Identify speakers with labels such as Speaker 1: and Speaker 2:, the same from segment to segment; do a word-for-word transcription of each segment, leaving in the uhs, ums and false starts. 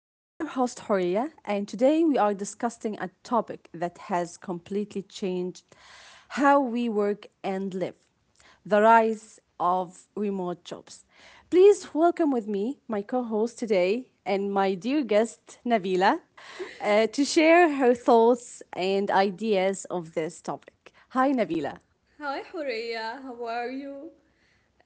Speaker 1: I'm your host, Horia, and today we are discussing a topic that has completely changed how we work and live, the rise of remote jobs. Please welcome with me my co host today and my dear guest, Navila, uh, to share her thoughts and ideas of this topic. Hi, Navila.
Speaker 2: Hi, Horea. How are you?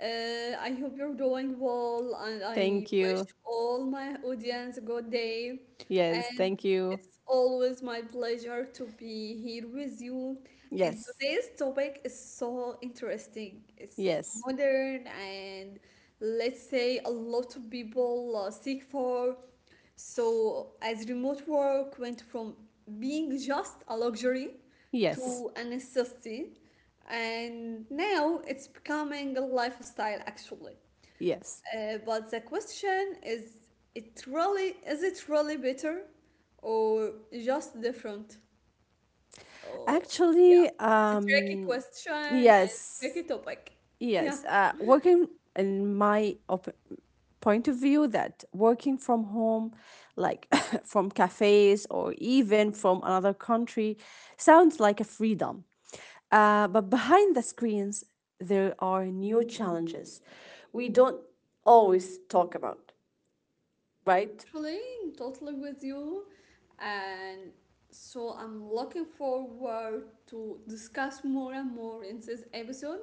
Speaker 2: Uh, I hope you're doing well, and I
Speaker 1: Thank
Speaker 2: wish
Speaker 1: you.
Speaker 2: all my audience a good day.
Speaker 1: Yes,
Speaker 2: And
Speaker 1: thank you.
Speaker 2: it's always my pleasure to be here with you. And
Speaker 1: Yes,
Speaker 2: today's topic is so interesting. It's
Speaker 1: yes,
Speaker 2: modern and let's say a lot of people uh, seek for. So, as remote work went from being just a luxury
Speaker 1: yes,
Speaker 2: to a necessity, and now it's becoming a lifestyle actually.
Speaker 1: yes.
Speaker 2: Uh, but the question is, it really is it really better or just different? Oh, yeah.
Speaker 1: Actually,
Speaker 2: It's a tricky
Speaker 1: um,
Speaker 2: question and
Speaker 1: yes,
Speaker 2: tricky topic. Yeah.
Speaker 1: yes. Uh, working in my op- point of view, that working from home, like from cafes or even from another country, sounds like a freedom. Uh, but behind the screens, there are new challenges we don't always talk about, right?
Speaker 2: Actually, I'm totally with you. And so I'm looking forward to discuss more and more in this episode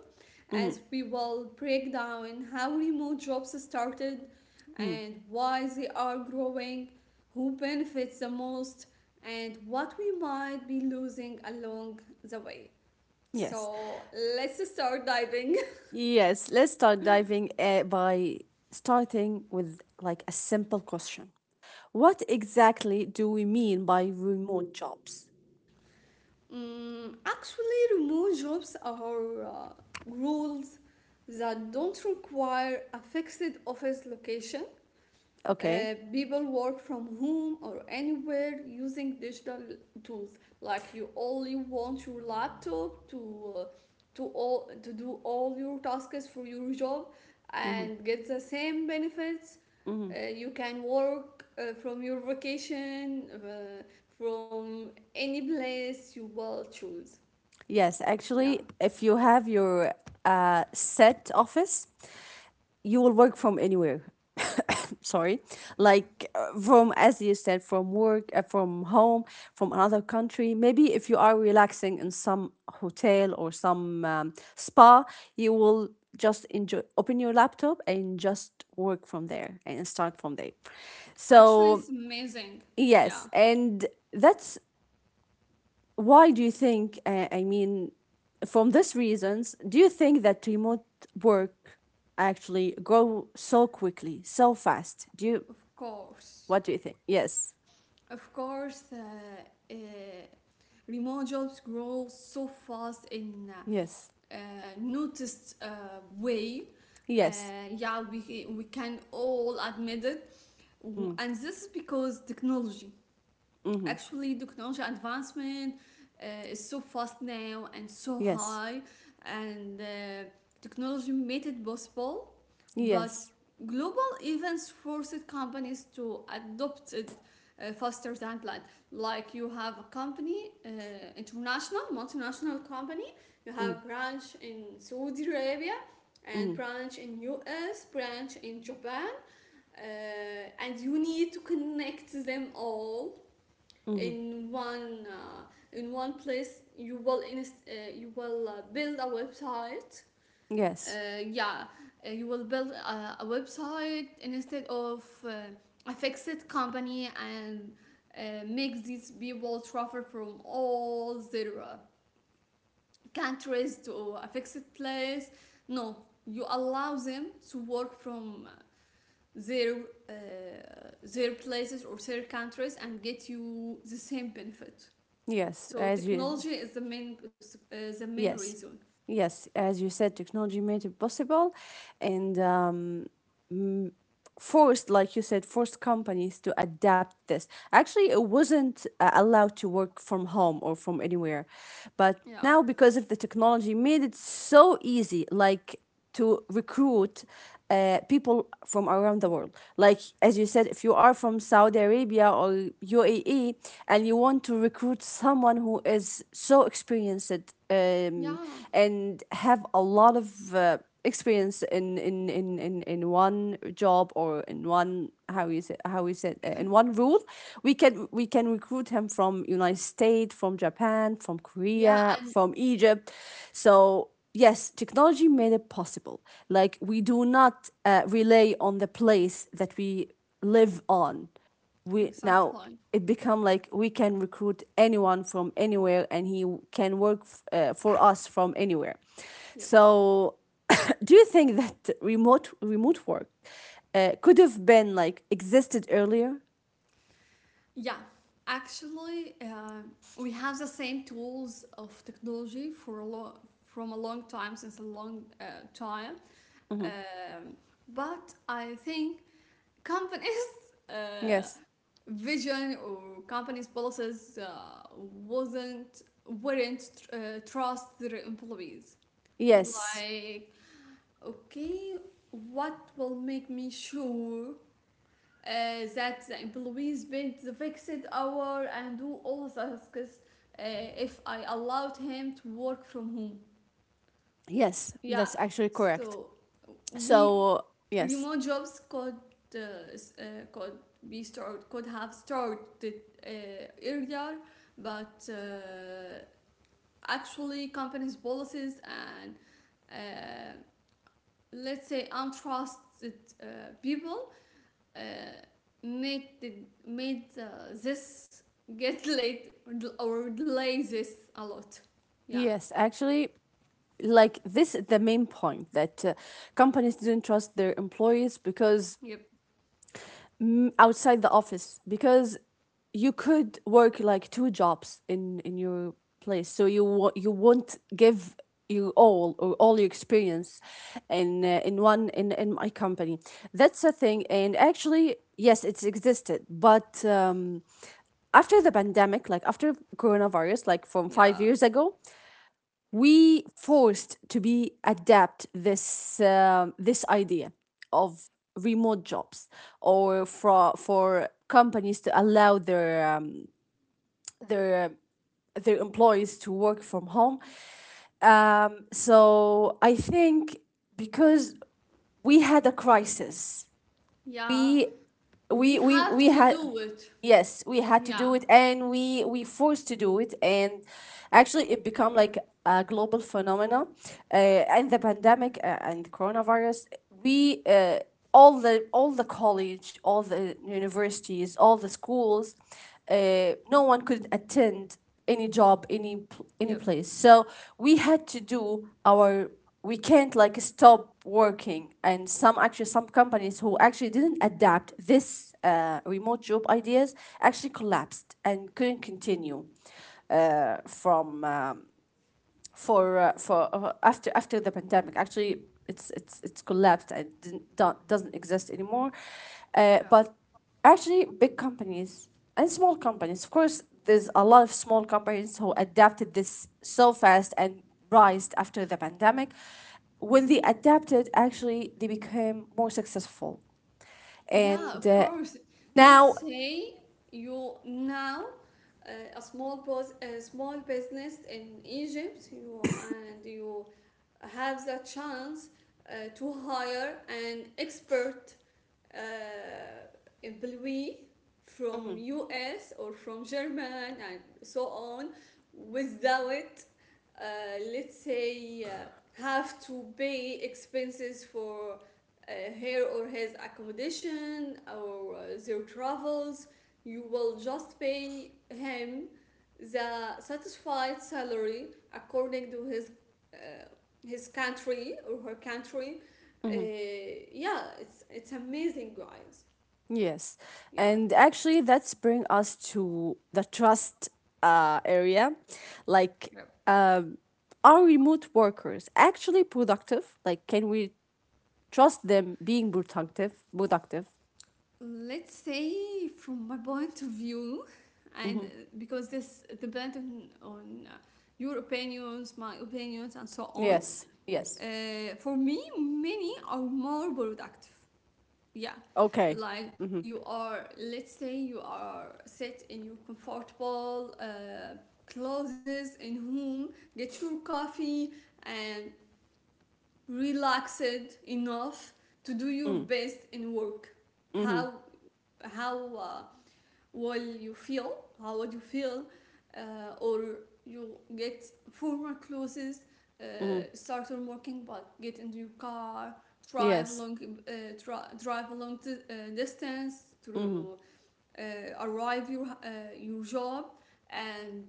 Speaker 2: as we will break down how remote jobs started and why they are growing, who benefits the most, and what we might be losing along the way.
Speaker 1: Yes.
Speaker 2: So let's start diving.
Speaker 1: Yes, let's start diving uh, by starting with like a simple question. What exactly do we mean by remote jobs?
Speaker 2: Mm, actually, remote jobs are uh, roles that don't require a fixed office location. Uh,
Speaker 1: Okay.
Speaker 2: people work from home or anywhere using digital tools. Like you only want your laptop to uh, to all to do all your tasks for your job
Speaker 1: Hmm.
Speaker 2: and get the same benefits.
Speaker 1: Hmm.
Speaker 2: Uh, you can work uh, from your vacation uh, from any place you will choose.
Speaker 1: Yes,
Speaker 2: Yeah,
Speaker 1: actually, if you have your uh, set office, you will work from anywhere. Sorry,
Speaker 2: yeah.
Speaker 1: like uh, from, as you said, from work, uh, from home, from another country. Maybe if you are relaxing in some hotel or some um, spa, you will just enjoy open your laptop and just work from there and start from there,
Speaker 2: Actually, it's
Speaker 1: so
Speaker 2: amazing. Yeah,
Speaker 1: yes. And that's why, do you think, uh, I mean, from these reasons, do you think that remote work actually grow so quickly, so fast? Do you,
Speaker 2: of course.
Speaker 1: what do you think? Yes,
Speaker 2: Of course, uh, uh, remote jobs grow so fast in
Speaker 1: yes,
Speaker 2: uh, uh, noticed uh, way. Uh,
Speaker 1: yes.
Speaker 2: yeah, we, we can all admit it.
Speaker 1: mm.
Speaker 2: And this is because technology.
Speaker 1: Mm-hmm.
Speaker 2: Actually, technology advancement uh, is so fast now and so
Speaker 1: Yes.
Speaker 2: high, and uh, technology made it possible. But
Speaker 1: Yes.
Speaker 2: global events forced companies to adopt it uh, faster than planned. Like you have a company, uh, international, multinational company, you
Speaker 1: Mm.
Speaker 2: have branch in Saudi Arabia, and
Speaker 1: Mm.
Speaker 2: branch in U S, branch in Japan, uh, and you need to connect them all
Speaker 1: Mm-hmm.
Speaker 2: in one uh, in one place. You will inst- uh, you will uh, build a website.
Speaker 1: Yes.
Speaker 2: uh, yeah uh, you will build a, a website instead of uh, a fixed company and uh, make these people travel from all their uh, countries to a fixed place. No, you allow them to work from their uh, their places or their countries and get you the same benefit.
Speaker 1: Yes,
Speaker 2: So
Speaker 1: as you,
Speaker 2: technology is the main, is the main
Speaker 1: yes,
Speaker 2: reason.
Speaker 1: yes, as you said, technology made it possible. And um um, forced, like you said, forced companies to adapt this. Actually, it wasn't uh, allowed to work from home or from anywhere. But
Speaker 2: Yeah.
Speaker 1: now, because of the technology, made it so easy, like to recruit uh, people from around the world. Like, as you said, if you are from Saudi Arabia or U A E, and you want to recruit someone who is so experienced um,
Speaker 2: Yeah.
Speaker 1: and have a lot of uh, experience in in in in in one job, or in one, how you say, how you said, uh, in one role, we can we can recruit him from United States, from Japan, from
Speaker 2: Yeah.
Speaker 1: Korea,
Speaker 2: I-
Speaker 1: from Egypt. So yes, technology made it possible. Like, we do not uh, rely on the place that we live on. We now,
Speaker 2: Exactly.
Speaker 1: it become like we can recruit anyone from anywhere, and he can work f- uh, for us from anywhere.
Speaker 2: Yep.
Speaker 1: So do you think that remote remote work uh, could have been like existed earlier?
Speaker 2: Yeah. Actually, uh, we have the same tools of technology for a long, from a long time, since a long uh, time.
Speaker 1: Mm-hmm.
Speaker 2: Um, but I think companies. Uh,
Speaker 1: Yes.
Speaker 2: Vision or companies policies uh, wasn't weren't tr- uh, trust their employees.
Speaker 1: Yes,
Speaker 2: Like, okay, what will make me sure uh, that the employees paid the fixed hour and do all the tasks uh, if I allowed him to work from home?
Speaker 1: yes.
Speaker 2: Yeah,
Speaker 1: That's actually correct.
Speaker 2: so we,
Speaker 1: So yes,
Speaker 2: remote jobs could uh, s- uh, could be started, could have started uh, earlier, but uh, actually companies' policies and uh, let's say untrusted uh, people. Uh, Made the, made uh, this get late or del- or delay this a lot. Yeah.
Speaker 1: yes, actually, like, this is the main point, that uh, companies didn't trust their employees, because
Speaker 2: Yep.
Speaker 1: mm, outside the office, because you could work like two jobs in in your place. So you wo- you won't give you all, or all your experience in uh, in one, in in my company. That's a thing. And actually, yes, it's existed, but um after the pandemic, like after coronavirus, like from five
Speaker 2: Yeah.
Speaker 1: years ago, we forced to be adapt this, um this idea of remote jobs, or for for companies to allow their um, their their employees to work from home. Um, so I think because we had a crisis,
Speaker 2: Yeah.
Speaker 1: we
Speaker 2: We
Speaker 1: we we
Speaker 2: have
Speaker 1: we
Speaker 2: to
Speaker 1: had,
Speaker 2: do it.
Speaker 1: yes, we had to
Speaker 2: Yeah.
Speaker 1: do it, and we we forced to do it, and actually, it become like a global phenomena, uh, and the pandemic, uh, and the coronavirus. We, uh, all the, all the college, all the universities, all the schools, uh, no one could attend any job, any pl- any
Speaker 2: Yep.
Speaker 1: place. So we had to do our, we can't like stop working. And some, actually some companies who actually didn't adapt this uh, remote job ideas, actually collapsed and couldn't continue uh, from um, for uh, for uh, after after the pandemic. Actually, it's it's it's collapsed and didn't, don't, doesn't exist anymore. Uh,
Speaker 2: Yeah.
Speaker 1: but actually, big companies and small companies, of course, there's a lot of small companies who adapted this so fast and rised after the pandemic. When they adapted, actually, they became more successful,
Speaker 2: Yeah,
Speaker 1: and
Speaker 2: of
Speaker 1: uh,
Speaker 2: course. Let's
Speaker 1: now.
Speaker 2: say you now uh, a small pos- a small business in Egypt, you and you have the chance uh, to hire an expert uh, employee from
Speaker 1: Mm-hmm.
Speaker 2: U S or from German and so on without uh, let's say uh, have to pay expenses for uh, her or his accommodation or uh, their travels. You will just pay him the satisfied salary according to his uh, his country or her country. Uh,
Speaker 1: Mm-hmm.
Speaker 2: yeah, it's it's amazing, guys.
Speaker 1: Yes.
Speaker 2: Yeah.
Speaker 1: And actually, that's bring us to the trust uh, area. Like, um, are remote workers actually productive? Like, can we trust them being productive? Productive.
Speaker 2: Let's say from my point of view, and uh, because this depends on, on uh, your opinions, my opinions, and so on.
Speaker 1: Yes. Yes.
Speaker 2: Uh, for me many are more productive, yeah,
Speaker 1: Okay.
Speaker 2: like
Speaker 1: Mm-hmm.
Speaker 2: you are, let's say you are sit in your comfortable uh, clothes in home, get your coffee and relaxed enough to do your
Speaker 1: Mm.
Speaker 2: best in work.
Speaker 1: Mm-hmm.
Speaker 2: how how uh, what you feel, how would you feel, uh, or you get former clothes, uh,
Speaker 1: Mm-hmm.
Speaker 2: start on working, but get into your car, drive
Speaker 1: Yes.
Speaker 2: long, uh, dri- drive a long uh, distance
Speaker 1: Mm-hmm.
Speaker 2: to uh, arrive your uh, your job and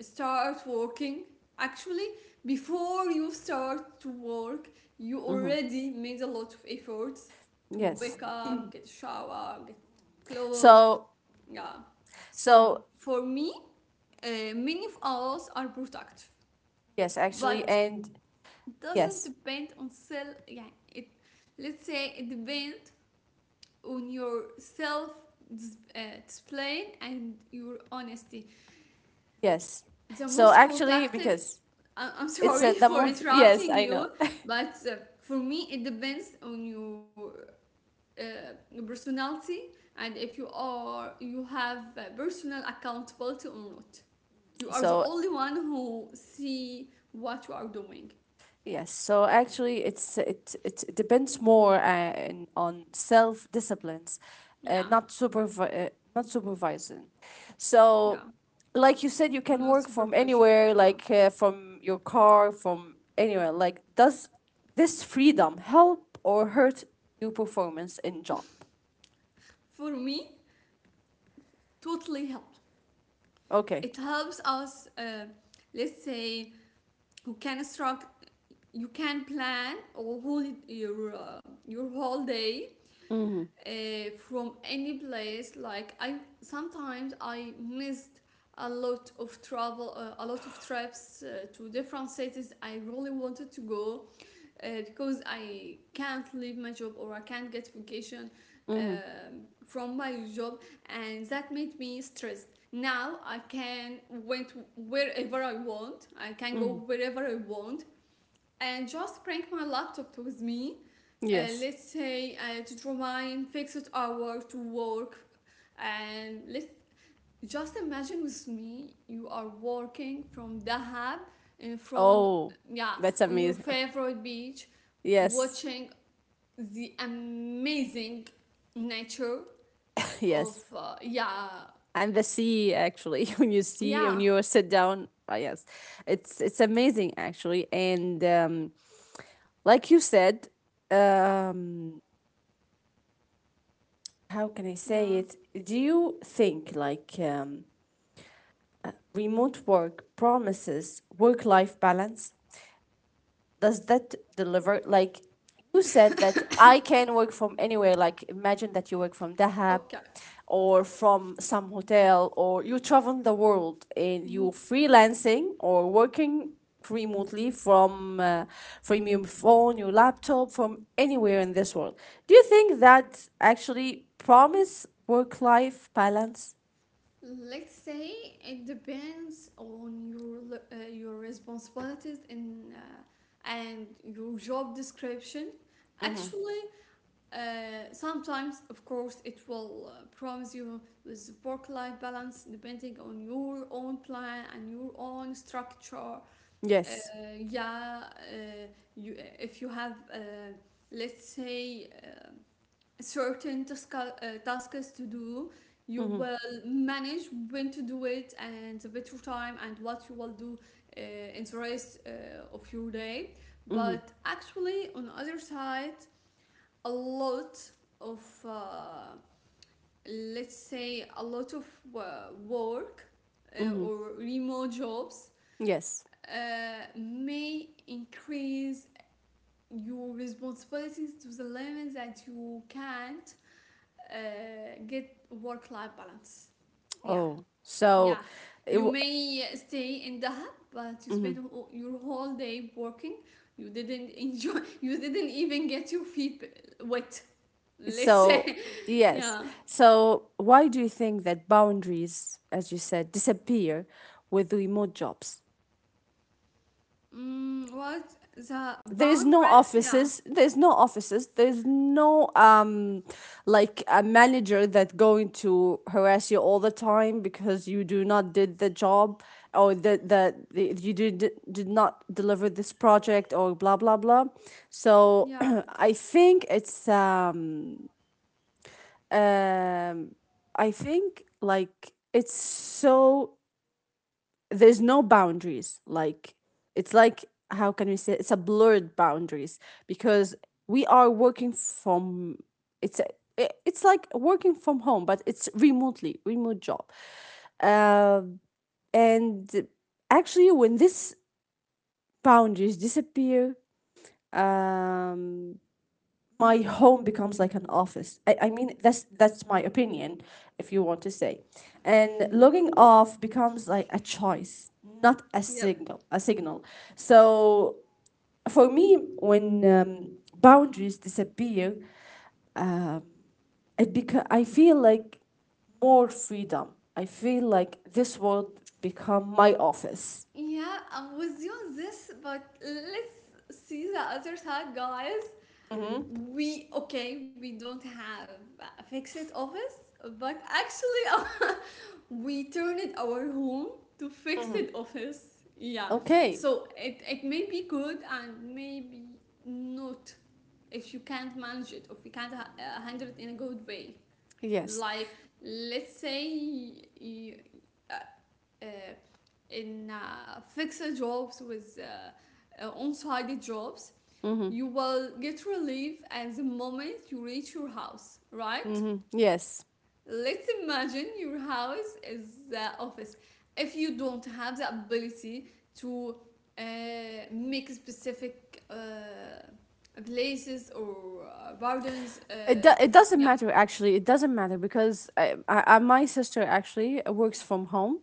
Speaker 2: start working. Actually, before you start to work, you
Speaker 1: Mm-hmm.
Speaker 2: already made a lot of efforts to
Speaker 1: Yes.
Speaker 2: wake up, get a shower, get clothes,
Speaker 1: So,
Speaker 2: yeah. So
Speaker 1: so
Speaker 2: for me, uh, many of us are productive,
Speaker 1: yes, actually,
Speaker 2: but
Speaker 1: and
Speaker 2: doesn't
Speaker 1: yes,
Speaker 2: depend on self. Yeah, it, let's say it depends on your self dis- uh, display and your honesty.
Speaker 1: yes.
Speaker 2: The
Speaker 1: So
Speaker 2: most
Speaker 1: actually,
Speaker 2: productive.
Speaker 1: because
Speaker 2: I- I'm
Speaker 1: it's a,
Speaker 2: sorry
Speaker 1: the
Speaker 2: for
Speaker 1: most, yes,
Speaker 2: interrupting
Speaker 1: I know.
Speaker 2: you, but uh, for me it depends on your uh, personality and if you are you have uh, personal accountability or not. You are the
Speaker 1: So
Speaker 2: only one who see what you are doing.
Speaker 1: yes, so actually, it's it it depends more uh, in- on self disciplines, uh,
Speaker 2: Yeah,
Speaker 1: not supervi- uh, not supervising.
Speaker 2: yeah.
Speaker 1: So, like you said, you can
Speaker 2: No
Speaker 1: work from
Speaker 2: supervision.
Speaker 1: anywhere,
Speaker 2: Yeah.
Speaker 1: like uh, from your car, from anywhere. Like, does this freedom help or hurt your performance in job?
Speaker 2: For me, totally helped.
Speaker 1: Okay.
Speaker 2: It helps us, uh, let's say, who can instruct, you can plan or whole your uh, your whole day
Speaker 1: Mm-hmm.
Speaker 2: uh, from any place. Like I sometimes I missed a lot of travel, uh, a lot of trips uh, to different cities I really wanted to go uh, because I can't leave my job or I can't get vacation
Speaker 1: Mm-hmm.
Speaker 2: um from my job, and that made me stressed. Now I can went wherever I want. I can
Speaker 1: Mm-hmm.
Speaker 2: go wherever I want, and just bring my laptop with me. Uh,
Speaker 1: Yes.
Speaker 2: let's say uh, to draw my fixed hour to work, and let's just imagine with me, you are walking from Dahab in front,
Speaker 1: Oh,
Speaker 2: yeah,
Speaker 1: that's
Speaker 2: on your
Speaker 1: amazing.
Speaker 2: favorite beach,
Speaker 1: Yes.
Speaker 2: watching the amazing nature of,
Speaker 1: Yes.
Speaker 2: uh, yeah,
Speaker 1: And the sea, actually, when you see, when
Speaker 2: yeah,
Speaker 1: you sit down, ah, yes, it's it's amazing, actually. And um, like you said, um, how can I
Speaker 2: yeah.
Speaker 1: say it, do you think like, um, remote work promises work life balance, does that deliver? Like, you said that I can work from anywhere. Like imagine that you work from Dahab,
Speaker 2: Okay,
Speaker 1: or from some hotel, or you travel the world and you
Speaker 2: N-
Speaker 1: freelancing or working remotely from uh, from your phone, your laptop, from anywhere in this world. Do you think that actually promise work life balance?
Speaker 2: let's say it depends on your l- uh, your responsibilities and uh, and your job description.
Speaker 1: Mm-hmm.
Speaker 2: Actually, Uh, sometimes, of course, it will uh, promise you with work life balance depending on your own plan and your own structure.
Speaker 1: Yes.
Speaker 2: Uh, yeah, uh, you, if you have, uh, let's say, uh, certain task, uh, tasks to do, you
Speaker 1: Mm-hmm.
Speaker 2: will manage when to do it and the better time and what you will do uh, in the rest uh, of your day.
Speaker 1: Mm-hmm.
Speaker 2: But actually, on the other side, a lot of uh, let's say a lot of uh, work uh,
Speaker 1: Mm-hmm.
Speaker 2: or remote jobs
Speaker 1: Yes.
Speaker 2: uh, may increase your responsibilities to the limit that you can't uh, get work life balance, yeah,
Speaker 1: Oh,
Speaker 2: yeah,
Speaker 1: so it.
Speaker 2: you
Speaker 1: W-
Speaker 2: may stay in the hub, but you spend
Speaker 1: mm-hmm.
Speaker 2: wh- your whole day working. You didn't enjoy. You didn't even get your feet wet. Let's
Speaker 1: So,
Speaker 2: say,
Speaker 1: yes.
Speaker 2: yeah.
Speaker 1: So, why do you think that boundaries, as you said, disappear with remote jobs?
Speaker 2: Mm, what the
Speaker 1: There is no
Speaker 2: boundaries? Yeah,
Speaker 1: offices. There's no offices. There's no um, like a manager that going to harass you all the time because you do not did the job, or that that you did did not deliver this project, or blah blah blah. So
Speaker 2: yeah,
Speaker 1: I think it's um um I think like it's so, there's no boundaries, like it's like, how can we say, it's a blurred boundaries, because we are working from, it's a, i- it's like working from home, but it's remotely, remote job. Um, and actually, when this boundaries disappear, um my home becomes like an office. I, I mean, that's that's my opinion, if you want to say. And logging off becomes like a choice, not a
Speaker 2: yep.
Speaker 1: signal. A signal. So for me, when um, boundaries disappear, um, it beca- I feel like more freedom. I feel like this world become my office.
Speaker 2: Yeah, I'm with you on this, but let's see the other side, guys. We, okay, we don't have a fixed office, but actually, we turned our home to fixed office, yeah,
Speaker 1: Okay.
Speaker 2: so it, it may be good and maybe not if you can't manage it or if you can't ha- uh, handle it in a good way.
Speaker 1: Yes.
Speaker 2: Like, let's say you, uh, uh, in uh, fixed jobs with uh, uh, on on-site jobs
Speaker 1: Mm-hmm.
Speaker 2: you will get relief at the moment you reach your house, right?
Speaker 1: Mm-hmm. Yes.
Speaker 2: Let's imagine your house is the office. If you don't have the ability to uh, make specific uh, places or uh, gardens,
Speaker 1: It,
Speaker 2: uh,
Speaker 1: do- it doesn't
Speaker 2: yeah,
Speaker 1: matter, actually. It doesn't matter, because I, I, I, my sister actually works from home,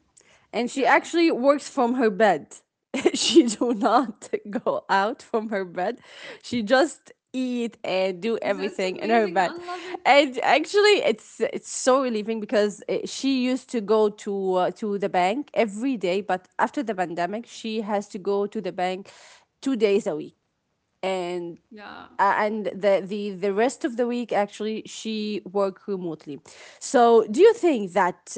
Speaker 1: and she
Speaker 2: yeah,
Speaker 1: actually works from her bed. She do not go out from her bed. She just eat and do
Speaker 2: that's
Speaker 1: everything in her
Speaker 2: amazing. I
Speaker 1: bed.
Speaker 2: love it.
Speaker 1: And actually, it's it's so relieving, because uh, she used to go to uh, to the bank every day, but after the pandemic, she has to go to the bank two days a week, and
Speaker 2: Yeah.
Speaker 1: uh, and the, the the rest of the week actually she worked remotely. So do you think that,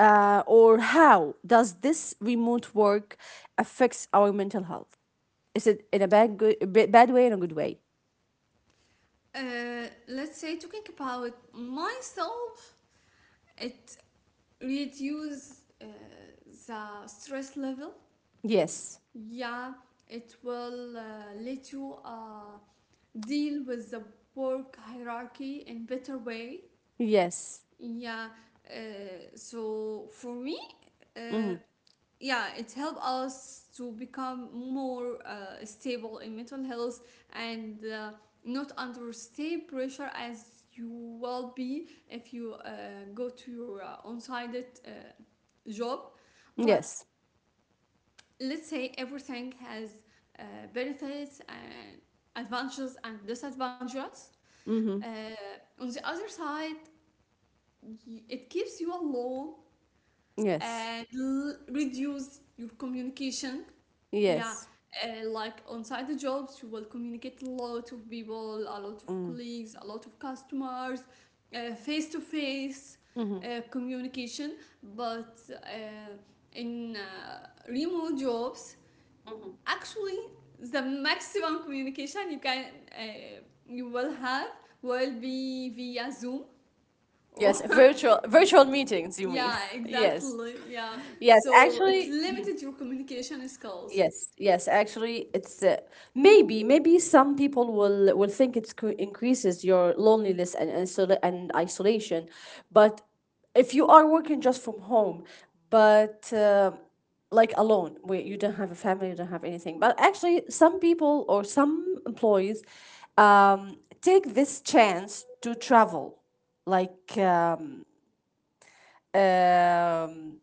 Speaker 1: uh, or how does this remote work affects our mental health? Is it in a bad, good, ba- bad way and a good way?
Speaker 2: Uh, let's say talking about myself, it reduces uh, the stress level.
Speaker 1: Yes.
Speaker 2: Yeah, it will uh, let you uh, deal with the work hierarchy in better way.
Speaker 1: Yes.
Speaker 2: Yeah, uh, so for me, uh,
Speaker 1: Mm-hmm.
Speaker 2: yeah, it helped us to become more uh, stable in mental health and uh, not under state pressure as you will be if you uh, go to your uh, on-sided uh, job. But
Speaker 1: Yes.
Speaker 2: let's say everything has uh, benefits and advantages and disadvantages.
Speaker 1: Mm-hmm.
Speaker 2: Uh, on the other side, it keeps you alone
Speaker 1: Yes.
Speaker 2: and l- reduce your communication. Yeah,
Speaker 1: Yes.
Speaker 2: uh, like on side the jobs, you will communicate a lot of people, a lot of
Speaker 1: Mm.
Speaker 2: colleagues, a lot of customers, face to face
Speaker 1: Mm-hmm.
Speaker 2: communication. But uh, in uh, remote jobs, actually the maximum communication you can uh, you will have will be via zoom or
Speaker 1: Yes, virtual, virtual meetings, you mean.
Speaker 2: yeah
Speaker 1: Yes,
Speaker 2: exactly yeah,
Speaker 1: yes,
Speaker 2: so it
Speaker 1: actually.
Speaker 2: limited your communication skills.
Speaker 1: Yes, yes. Actually, it's uh, maybe, maybe some people will will think it's cre- increases your loneliness and and, isol- and isolation, but if you are working just from home, but uh, like alone, where you don't have a family, you don't have anything. But actually, some people or some employees um, take this chance to travel, like, um, um,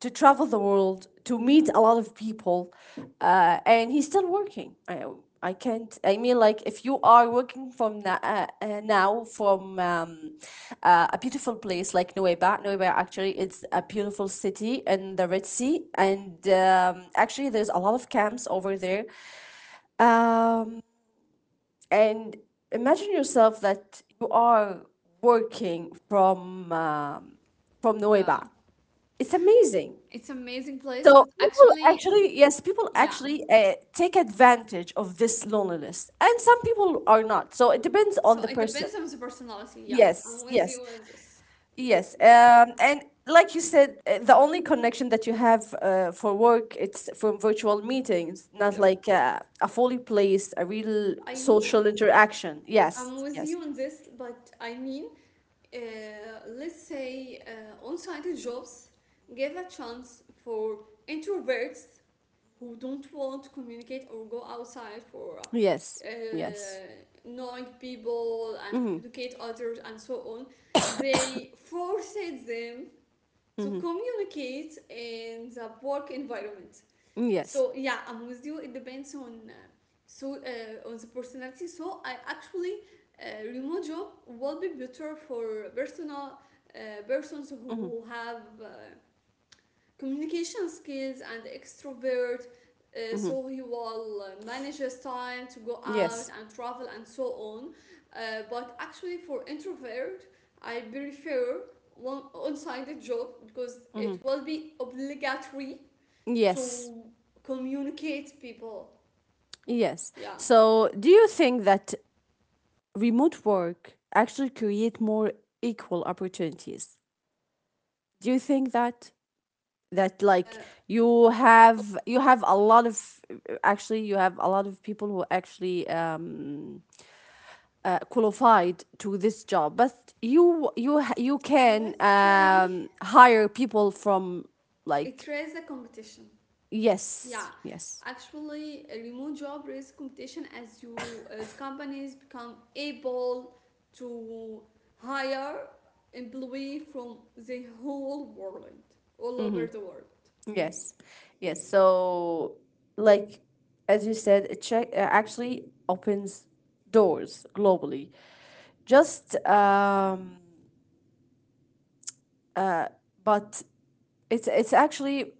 Speaker 1: to travel the world, to meet a lot of people, uh, and he's still working. I, I can't. I mean, like if you are working from na- uh, uh, now from um, uh, a beautiful place like Nueva. Nueva actually is a beautiful city in the Red Sea, and um, actually there's a lot of camps over there. Um, and imagine yourself that you are working from um, from
Speaker 2: Yeah,
Speaker 1: Nueva. It's amazing.
Speaker 2: it's amazing place,
Speaker 1: So
Speaker 2: but
Speaker 1: people
Speaker 2: actually y-
Speaker 1: actually, yes, people
Speaker 2: yeah,
Speaker 1: actually uh, take advantage of this loneliness, and some people are not. So it depends on
Speaker 2: so
Speaker 1: the
Speaker 2: it
Speaker 1: person.
Speaker 2: depends on the personality. Yeah, I'm
Speaker 1: Yes,
Speaker 2: with you
Speaker 1: yes,
Speaker 2: on this.
Speaker 1: yes.
Speaker 2: Yeah.
Speaker 1: Um, and like you said, uh, the only connection that you have uh, for work, it's from virtual meetings, not
Speaker 2: Yep.
Speaker 1: like uh, a fully placed, a real
Speaker 2: I mean,
Speaker 1: social interaction.
Speaker 2: I'm
Speaker 1: Yes,
Speaker 2: with
Speaker 1: yes,
Speaker 2: you on this, but I mean uh, let's say uh, on-site jobs give a chance for introverts who don't want to communicate or go outside for uh,
Speaker 1: yes, yes.
Speaker 2: knowing people and
Speaker 1: Mm-hmm,
Speaker 2: communicate others and so on. They forced them to
Speaker 1: mm-hmm,
Speaker 2: communicate in the work environment.
Speaker 1: yes.
Speaker 2: So yeah, I'm with you. It depends on uh, so uh, on the personality. So I actually uh, remote job will be better for personal uh, persons
Speaker 1: Mm-hmm,
Speaker 2: who have uh, communication skills and extrovert. Uh,
Speaker 1: mm-hmm,
Speaker 2: so he will uh, manage his time to go out
Speaker 1: yes.
Speaker 2: and travel and so on. Uh, but actually, for introvert, I prefer one on-sided job because it
Speaker 1: Mm-hmm,
Speaker 2: will be obligatory
Speaker 1: yes.
Speaker 2: to communicate people.
Speaker 1: Yes.
Speaker 2: Yeah.
Speaker 1: So, do you think that remote work actually create more equal opportunities? Do you think that that
Speaker 2: Uh,
Speaker 1: like, you have, you have a lot of, actually you have a lot of people who actually um uh, qualified to this job, but you you ha- you can
Speaker 2: let's say
Speaker 1: um hire people from,
Speaker 2: it
Speaker 1: like,
Speaker 2: raises a competition. Yeah.
Speaker 1: yes, yes.
Speaker 2: Actually, a remote job raises competition as you as companies become able to hire employee from the whole world, all over the world.
Speaker 1: Yes, yes. So, like, as you said, it check uh, actually opens doors globally. Just um, but it's it's actually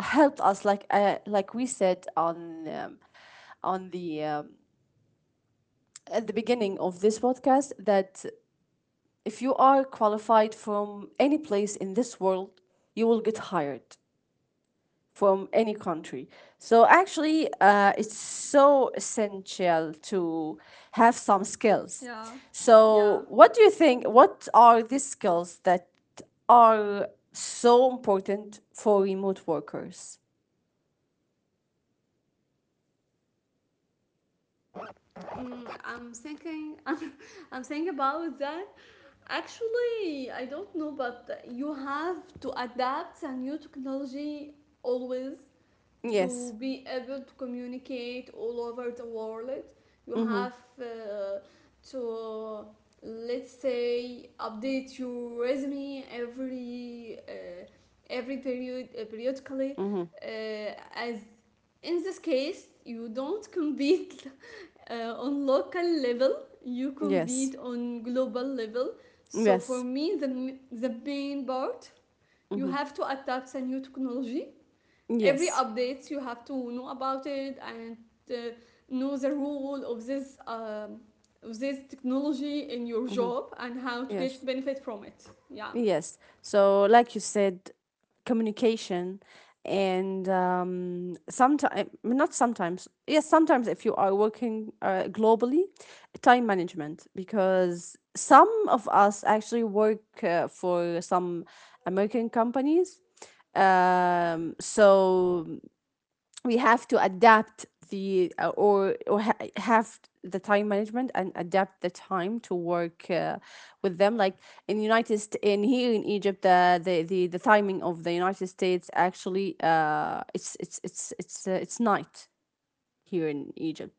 Speaker 1: helped us, like uh, like we said on um, on the um, at the beginning of this podcast that if you are qualified from any place in this world, you will get hired from any country. So actually, uh, it's so essential to have some skills.
Speaker 2: Yeah, yeah.
Speaker 1: So what do you think? What are these skills that are so important for remote workers?
Speaker 2: Mm, I'm thinking. I'm thinking about that. Actually, I don't know, but you have to adapt a new technology always
Speaker 1: Yes.
Speaker 2: to be able to communicate all over the world. You
Speaker 1: Mm-hmm.
Speaker 2: have uh, to, let's say, update your resume every uh, every period uh, periodically.
Speaker 1: Mm-hmm.
Speaker 2: Uh, as in this case, you don't compete uh, on local level, you
Speaker 1: Yes.
Speaker 2: compete on global level. So for
Speaker 1: Yes.
Speaker 2: me, the, the main part, you
Speaker 1: Mm-hmm.
Speaker 2: have to adapt a new technology. Every
Speaker 1: Yes.
Speaker 2: updates you have to know about it, and uh, know the role of this um, of this technology in your
Speaker 1: Mm-hmm.
Speaker 2: job and how to
Speaker 1: Yes.
Speaker 2: get benefit from it. Yeah.
Speaker 1: Yes. So, like you said, communication and um, sometimes, not sometimes, yes, sometimes if you are working uh, globally, time management, because some of us actually work uh, for some American companies. Um, so we have to adapt the uh, or or ha- have the time management and adapt the time to work uh, with them, like in united St- in here in egypt, uh, the the the timing of the united states, actually, uh it's it's it's it's uh, it's night here in egypt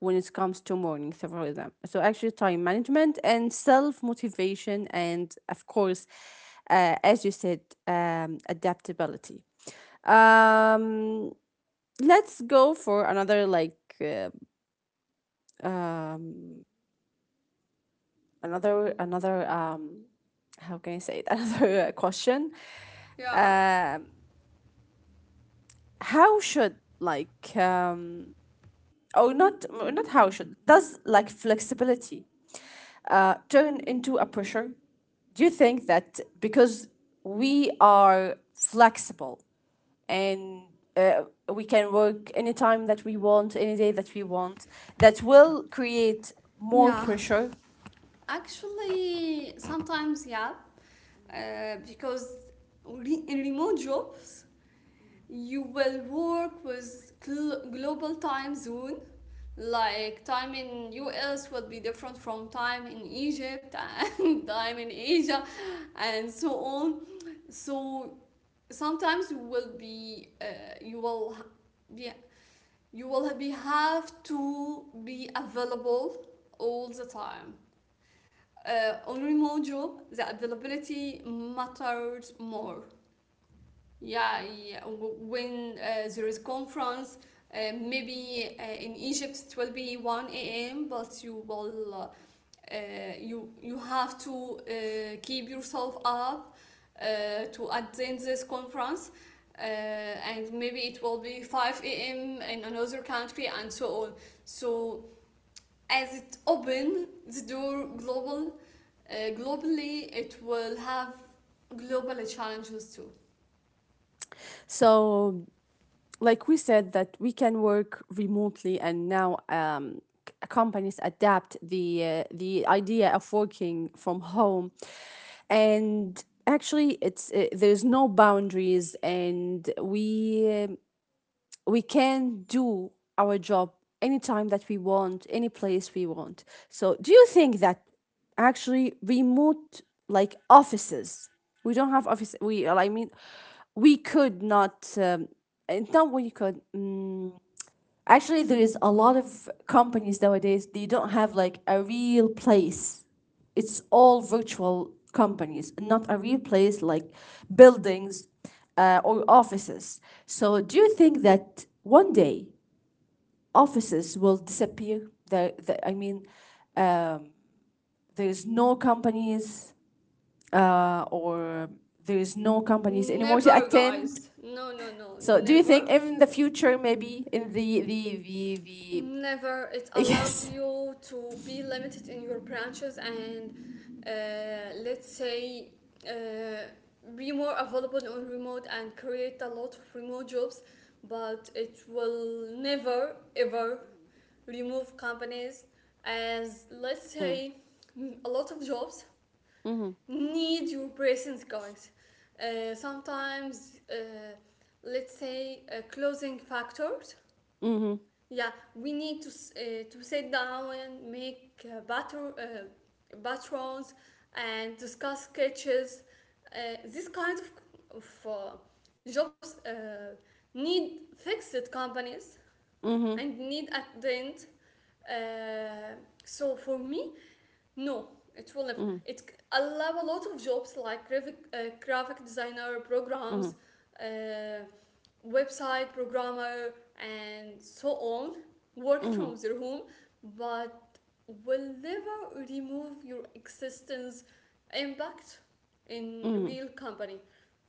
Speaker 1: when it comes to morning several of them. So actually time management and self motivation and, of course, uh, as you said, um adaptability. um let's go for another, like uh, another another um, how can I say it, another, uh, question.
Speaker 2: Yeah.
Speaker 1: How should, like um oh not not how should, does like flexibility uh turn into a pressure? Do you think that because we are flexible and, uh, we can work any time that we want, any day that we want, that will create more
Speaker 2: Yeah,
Speaker 1: pressure.
Speaker 2: actually, sometimes yeah, uh, because re- in remote jobs you will work with gl- global time zone. Like time in U S will be different from time in Egypt and time in Asia and so on. So sometimes you will be uh, you will ha- yeah, you will be have to be available all the time. Uh, on remote job, the availability matters more. Yeah, yeah. w- When uh, there is conference, uh, maybe uh, in Egypt it will be one a m. But you will, uh, uh, you you have to uh, keep yourself up uh, to attend this conference, uh, and maybe it will be five a m in another country and so on. So as it open the door global, uh, globally, it will have global challenges too.
Speaker 1: So like we said that we can work remotely, and now um, c- companies adapt the uh, the idea of working from home, and actually it's, uh, there's no boundaries, and we, um, we can do our job anytime that we want, any place we want. So, do you think that actually remote, like offices, we don't have office, we, I mean, we could not, um, eh, not we could. Mm, actually there is a lot of companies nowadays, they don't have like a real place. It's all virtual companies, not a real place like buildings uh, or offices. So do you think that one day offices will disappear? the, the, I mean, um, there's no companies uh, or there's no companies anymore to
Speaker 2: Never,
Speaker 1: attend.
Speaker 2: guys. No, no, no.
Speaker 1: So do you
Speaker 2: Never.
Speaker 1: think in the future, maybe in the the the, the
Speaker 2: Never. It allows
Speaker 1: yes.
Speaker 2: you to be limited in your branches, and, uh, let's say, uh, be more available on remote and create a lot of remote jobs, but it will never, ever remove companies, as, let's
Speaker 1: Mm.
Speaker 2: say, mm, a lot of jobs
Speaker 1: Mhm.
Speaker 2: need your presence, guys. Uh, sometimes, uh, let's say, uh, closing factors.
Speaker 1: Mhm.
Speaker 2: Yeah, we need to uh, to sit down and make uh, batter uh, patrons and discuss sketches. Uh, this kind of of uh, jobs uh, need fixed companies
Speaker 1: Mhm.
Speaker 2: and need at the end. Uh, so for me, no, it will never.
Speaker 1: Mhm.
Speaker 2: It allow a lot of jobs like graphic, uh, graphic designer, programs,
Speaker 1: Mhm.
Speaker 2: uh, website programmer, and so on. Work
Speaker 1: Mhm.
Speaker 2: from their home, but will never remove your existence impact in real company.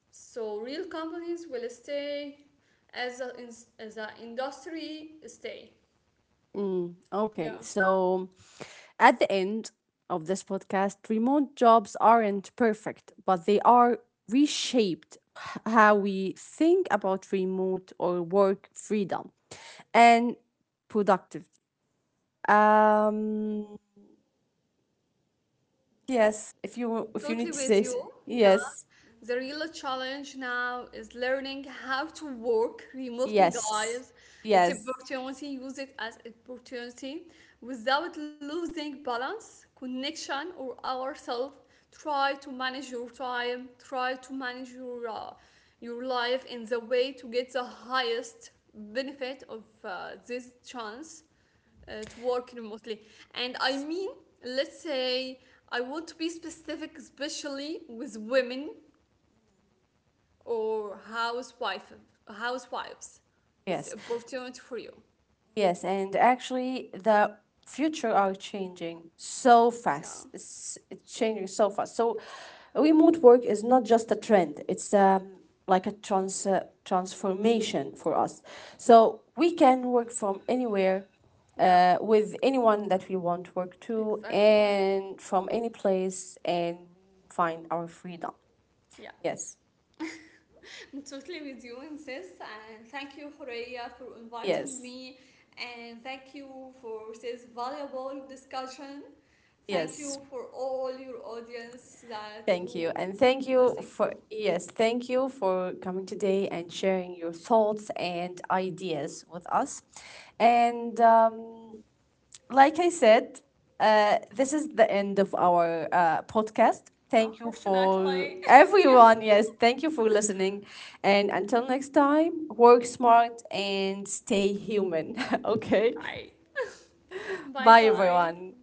Speaker 2: So real companies will stay as a as an industry stay.
Speaker 1: Mm. Okay.
Speaker 2: Yeah.
Speaker 1: So at the end of this podcast, remote jobs aren't perfect, but they are reshaped, h- how we think about remote or work freedom and productivity. Um yes, if you if you need
Speaker 2: Totally
Speaker 1: to say
Speaker 2: with
Speaker 1: s-
Speaker 2: you. Yeah.
Speaker 1: yes.
Speaker 2: The real challenge now is learning how to work remotely,
Speaker 1: Yes.
Speaker 2: guys. It's
Speaker 1: Yes.
Speaker 2: opportunity, use it as opportunity without losing balance, connection, or ourselves. Try to manage your time, try to manage your uh, your life in the way to get the highest benefit of uh, this chance uh, to work remotely. And I mean, let's say, I want to be specific, especially with women or housewife, housewives.
Speaker 1: Yes.
Speaker 2: It's an opportunity for you.
Speaker 1: Yes, and actually, the future are changing so
Speaker 2: Yeah,
Speaker 1: fast. It's it's changing so fast. So, remote work is not just a trend. It's, um, like a trans uh, transformation for us. So we can work from anywhere,
Speaker 2: yeah,
Speaker 1: uh, with anyone that we want to work to,
Speaker 2: exactly.
Speaker 1: and from any place, and find our freedom.
Speaker 2: Yeah,
Speaker 1: Yes,
Speaker 2: I'm totally with you in this. And thank you, Horea, for inviting
Speaker 1: yes,
Speaker 2: me. And thank you for this valuable discussion. Thank
Speaker 1: yes.
Speaker 2: you for all your audience that
Speaker 1: Thank you.
Speaker 2: who
Speaker 1: And thank you
Speaker 2: listening for.
Speaker 1: for, yes, thank you for coming today and sharing your thoughts and ideas with us. And, um, like I said, uh, this is the end of our uh, podcast. Thank you for
Speaker 2: Unfortunately, yeah.
Speaker 1: everyone. Yes, thank you for listening. And until next time, work smart and stay human. Okay.
Speaker 2: Bye. Bye
Speaker 1: Bye,
Speaker 2: bye.
Speaker 1: everyone.